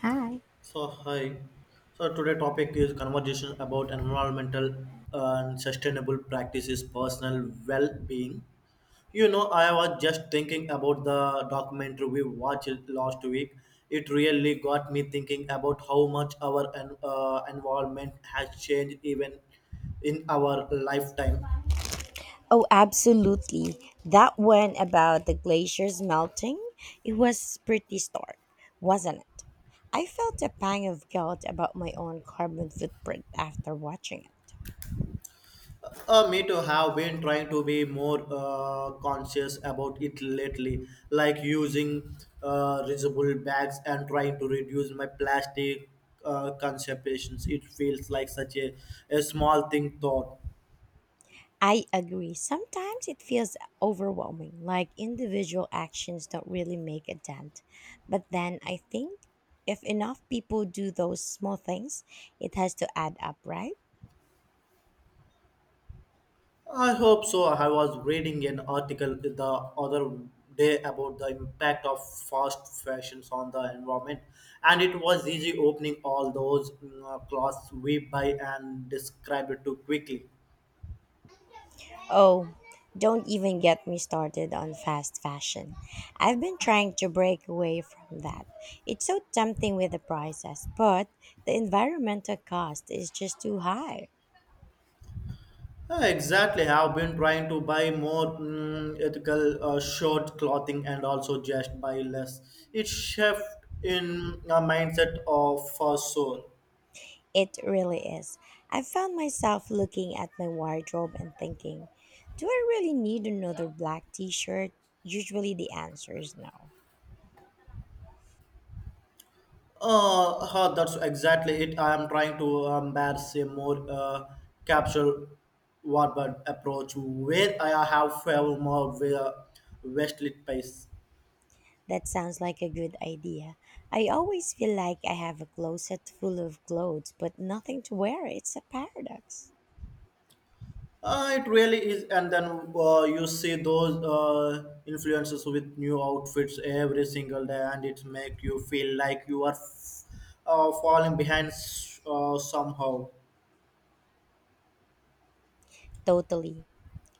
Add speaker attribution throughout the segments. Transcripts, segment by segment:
Speaker 1: Hi.
Speaker 2: So hi. So today topic is conversation about environmental and sustainable practices, personal well-being. You know, I was just thinking about the documentary we watched last week. It really got me thinking about how much our environment has changed even in our lifetime.
Speaker 1: Oh, absolutely. That one about the glaciers melting, it was pretty stark, wasn't it? I felt a pang of guilt about my own carbon footprint after watching it.
Speaker 2: Me too have been trying to be more conscious about it lately, like using reusable bags and trying to reduce my plastic consumptions. It feels like such a small thing thought.
Speaker 1: I agree. Sometimes it feels overwhelming, like individual actions don't really make a dent. But then I think if enough people do those small things, it has to add up, right?
Speaker 2: I hope so. I was reading an article the other day about the impact of fast fashions on the environment, and it was easy opening all those clothes we buy and describe it too quickly.
Speaker 1: Oh, don't even get me started on fast fashion. I've been trying to break away from that. It's so tempting with the prices, but the environmental cost is just too high.
Speaker 2: Yeah, exactly. I've been trying to buy more ethical short clothing and also just buy less. It shift in a mindset of for sure.
Speaker 1: It really is. I found myself looking at my wardrobe and thinking, do I really need another black t shirt? Usually the answer is no.
Speaker 2: That's exactly it. I am trying to embrace a more capsule warbird approach where I have found more where waistlet pace.
Speaker 1: That sounds like a good idea. I always feel like I have a closet full of clothes, but nothing to wear. It's a paradox.
Speaker 2: It really is, and then you see those influencers with new outfits every single day, and it make you feel like you are falling behind somehow.
Speaker 1: Totally.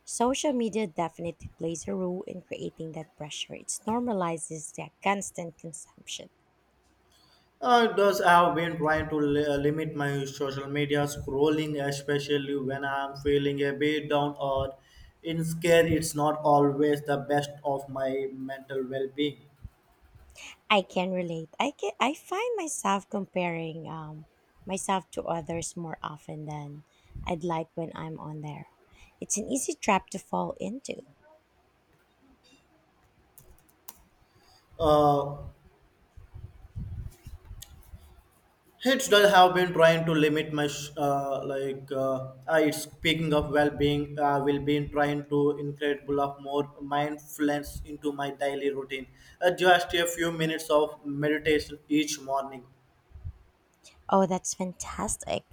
Speaker 1: Social media definitely plays a role in creating that pressure. It normalizes that constant consumption.
Speaker 2: Thus, I have been trying to limit my social media scrolling, especially when I'm feeling a bit down or in scare. It's not always the best of my mental well-being.
Speaker 1: I can relate. I find myself comparing myself to others more often than I'd like when I'm on there. It's an easy trap to fall into.
Speaker 2: Uh, It does have been trying to limit my it's speaking of well-being will be trying to incredible of more mindfulness into my daily routine. Just a few minutes of meditation each morning.
Speaker 1: Oh, that's fantastic.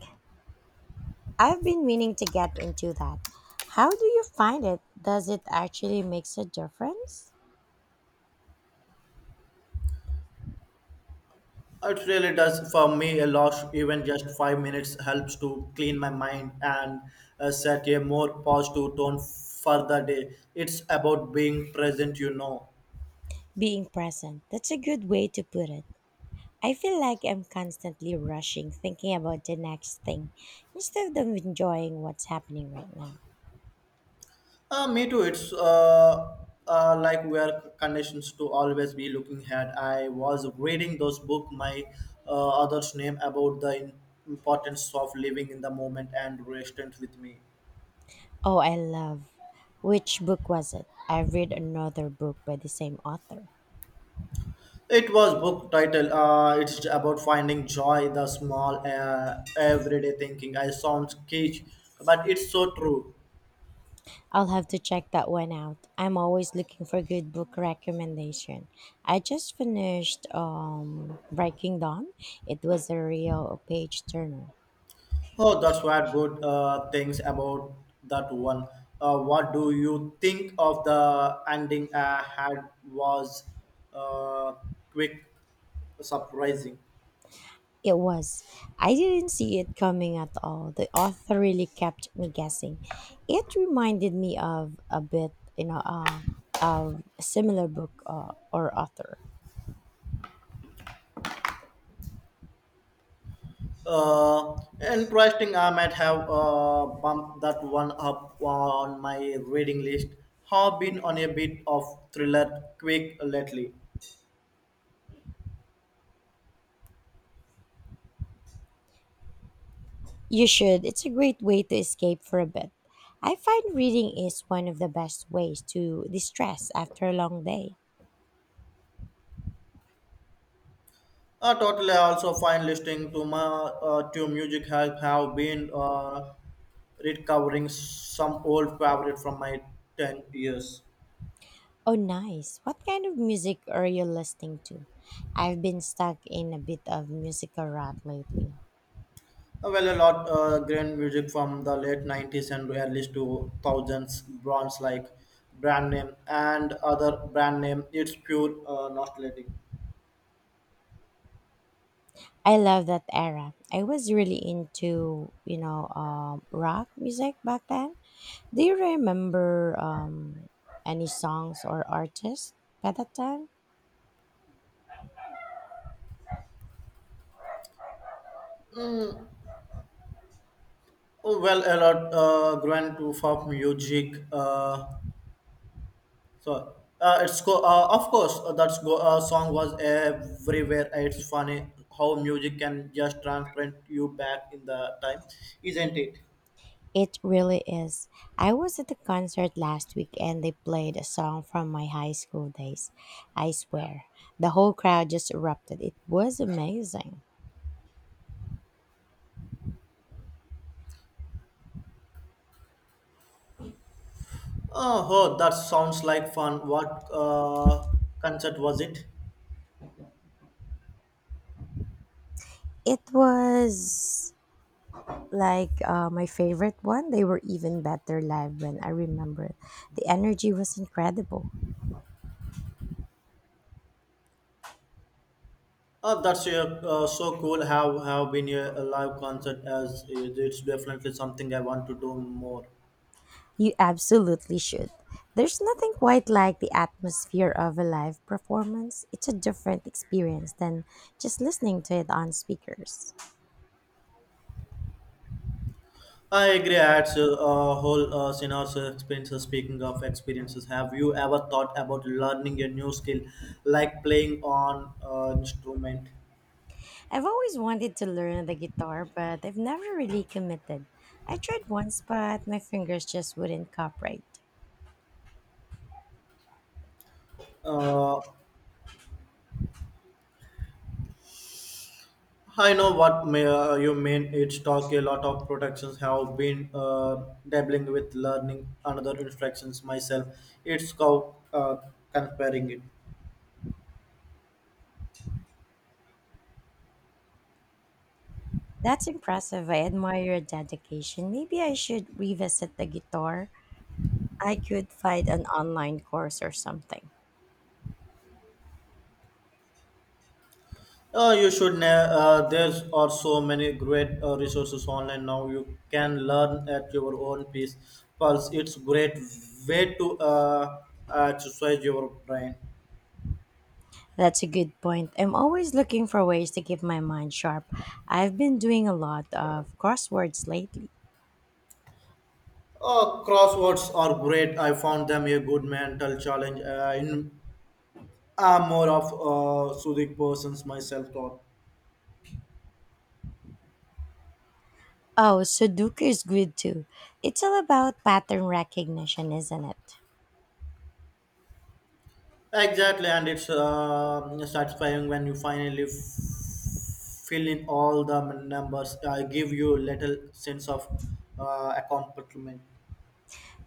Speaker 1: I've been meaning to get into that. How do you find it? Does it actually makes a difference?
Speaker 2: It really does for me a lot. Even just 5 minutes helps to clean my mind and set a more positive tone for the day. It's about being present, you know.
Speaker 1: Being present. That's a good way to put it. I feel like I'm constantly rushing, thinking about the next thing instead of enjoying what's happening right now.
Speaker 2: Me too. It's like we are conditions to always be looking ahead. I was reading those book, my author's name about the importance of living in the moment and restant with me.
Speaker 1: Oh, I love. Which book was it? I read another book by the same author.
Speaker 2: It was book title. It's about finding joy, the small everyday thinking. I sound cage, but it's so true.
Speaker 1: I'll have to check that one out. I'm always looking for good book recommendation. I just finished Breaking Dawn. It was a real page turner.
Speaker 2: Oh, that's what good things about that one. What do you think of the ending I had was uh, quick, surprising,
Speaker 1: It was. I didn't see it coming at all. The author really kept me guessing. It reminded me of a bit, you know, of a similar book or author.
Speaker 2: interesting. I might have bumped that one up on my reading list. Have been on a bit of thriller quick lately.
Speaker 1: You should. It's a great way to escape for a bit. I find reading is one of the best ways to distress after a long day.
Speaker 2: Totally. I also find listening to my to music have been recovering some old favorite from my 10 years.
Speaker 1: Oh, nice. What kind of music are you listening to? I've been stuck in a bit of musical rut lately.
Speaker 2: Well, a lot grand music from the late 90s and early two thousands, brands like brand name and other brand name. It's pure nostalgic.
Speaker 1: I love that era. I was really into, you know, rock music back then. Do you remember any songs or artists by that time?
Speaker 2: Mm, oh, well, a lot grand to pop music. So it's go. Of course, that go, song was everywhere. It's funny how music can just transport you back in the time, isn't it?
Speaker 1: It really is. I was at the concert last week and they played a song from my high school days. I swear, the whole crowd just erupted. It was amazing.
Speaker 2: Oh, oh that sounds like fun. What concert was it?
Speaker 1: It was like my favorite one. They were even better live when I remember it. The energy was incredible.
Speaker 2: Oh, that's so cool. Have been a live concert as it's definitely something I want to do more.
Speaker 1: You absolutely should. There's nothing quite like the atmosphere of a live performance. It's a different experience than just listening to it on speakers.
Speaker 2: I agree. It's a whole scenarios experiences. Speaking of experiences, have you ever thought about learning a new skill, like playing on instrument?
Speaker 1: I've always wanted to learn the guitar, but I've never really committed. I tried once, but my fingers just wouldn't cooperate.
Speaker 2: Uh, I know what you mean. It's talk a lot of protections have been dabbling with learning another instructions myself. It's called comparing it.
Speaker 1: That's impressive. I admire your dedication. Maybe I should revisit the guitar. I could find an online course or something.
Speaker 2: Oh, you should. There are so many great resources online now. You can learn at your own pace. Pulse. It's great way to exercise your brain.
Speaker 1: That's a good point. I'm always looking for ways to keep my mind sharp. I've been doing a lot of crosswords lately.
Speaker 2: Oh, crosswords are great. I found them a good mental challenge. I'm more of a soothing person myself. Thought.
Speaker 1: Oh, Sudoku is good too. It's all about pattern recognition, isn't it?
Speaker 2: Exactly, and it's satisfying when you finally fill in all the numbers. I give you little sense of accomplishment.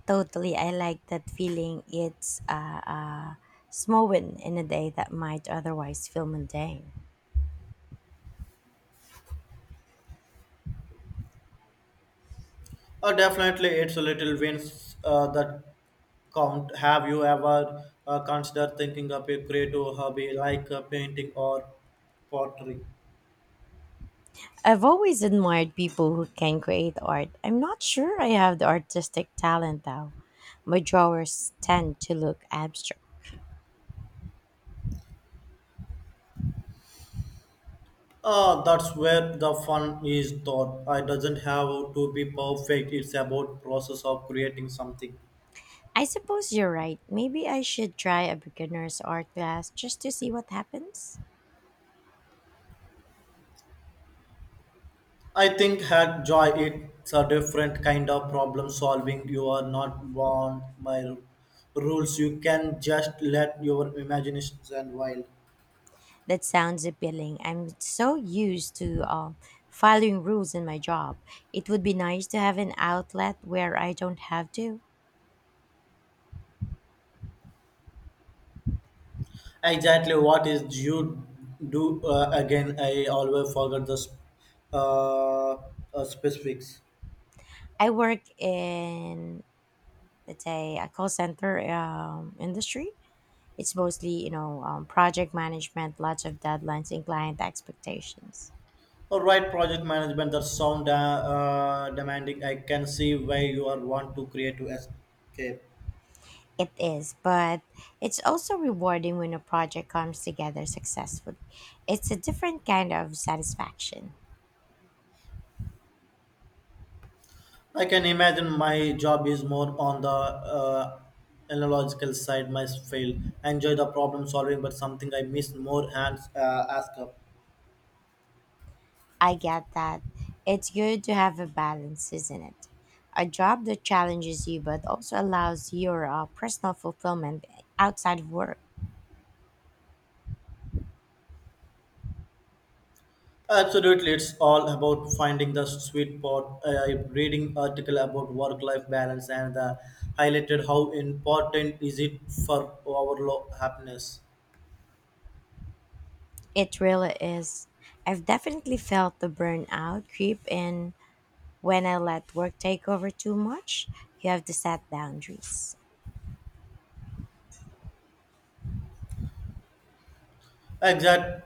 Speaker 1: Totally. I like that feeling. It's small win in a day that might otherwise feel mundane.
Speaker 2: Definitely, it's a little wins that count. Have you ever considered thinking up a creative hobby like painting or pottery?
Speaker 1: I've always admired people who can create art. I'm not sure I have the artistic talent though. My drawers tend to look abstract.
Speaker 2: That's where the fun is thought. It doesn't have to be perfect. It's about process of creating something.
Speaker 1: I suppose you're right. Maybe I should try a beginner's art class just to see what happens.
Speaker 2: I think had joy it's a different kind of problem solving. You are not bound by rules. You can just let your imaginations and wild.
Speaker 1: That sounds appealing. I'm so used to following rules in my job. It would be nice to have an outlet where I don't have to.
Speaker 2: Exactly what is you do again? I always forget the uh, specifics.
Speaker 1: I work in, let's say, a call center industry. It's mostly, you know, project management, lots of deadlines and client expectations.
Speaker 2: All right, project management that sound demanding. I can see why you are want to create to escape.
Speaker 1: It is, but it's also rewarding when a project comes together successfully. It's a different kind of satisfaction.
Speaker 2: I can imagine my job is more on the analogical side. My field enjoy the problem solving, but something I miss more hands ask up.
Speaker 1: I get that. It's good to have a balance, isn't it? A job that challenges you but also allows your personal fulfillment outside of work.
Speaker 2: Absolutely, it's all about finding the sweet spot. I'm reading article about work-life balance and highlighted how important is it for our happiness.
Speaker 1: It really is. I've definitely felt the burnout creep in when I let work take over too much. You have to set boundaries.
Speaker 2: Exact.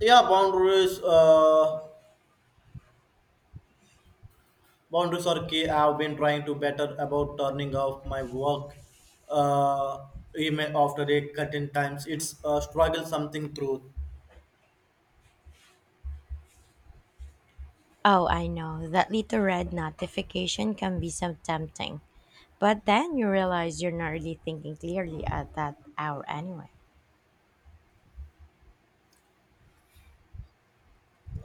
Speaker 2: Yeah, boundaries. Boundaries are key. I've been trying to better about turning off my work uh, email after a certain times. It's a struggle something through.
Speaker 1: Oh, I know, that little red notification can be so tempting. But then you realize you're not really thinking clearly at that hour anyway.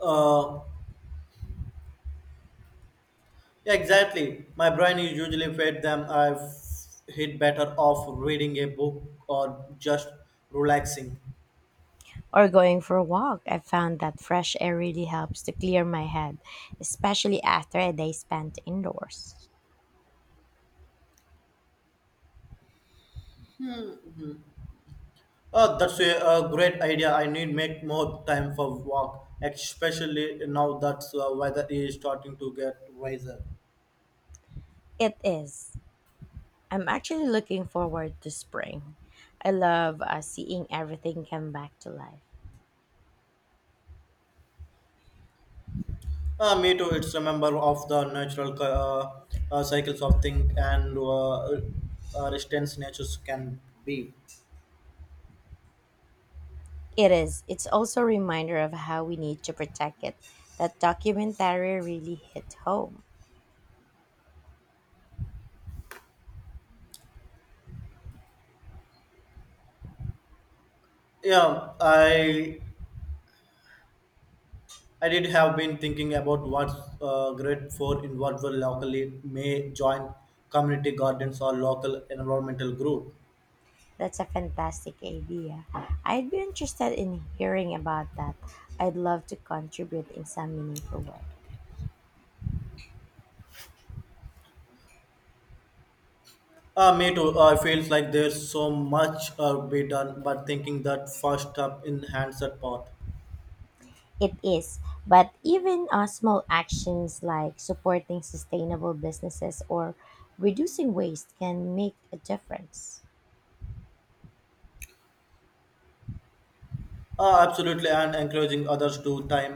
Speaker 2: Uh, yeah, exactly. My brain is usually fed them. I've hit better off reading a book or just relaxing.
Speaker 1: Or going for a walk, I found that fresh air really helps to clear my head, especially after a day spent indoors.
Speaker 2: That's a great idea. I need make more time for walk, especially now that weather is starting to get wiser.
Speaker 1: It is. I'm actually looking forward to spring. I love seeing everything come back to life.
Speaker 2: Me too. It's a member of the natural cycles of think and resistance natures can be.
Speaker 1: It is. It's also a reminder of how we need to protect it. That documentary really hit home.
Speaker 2: Yeah, I did have been thinking about what grade four involved locally may join community gardens or local environmental group.
Speaker 1: That's a fantastic idea. I'd be interested in hearing about that. I'd love to contribute in some meaningful way.
Speaker 2: Me too. Feels like there's so much be done, but thinking that first up in hands that part.
Speaker 1: It is, but even small actions like supporting sustainable businesses or reducing waste can make a difference.
Speaker 2: Absolutely, and encouraging others to time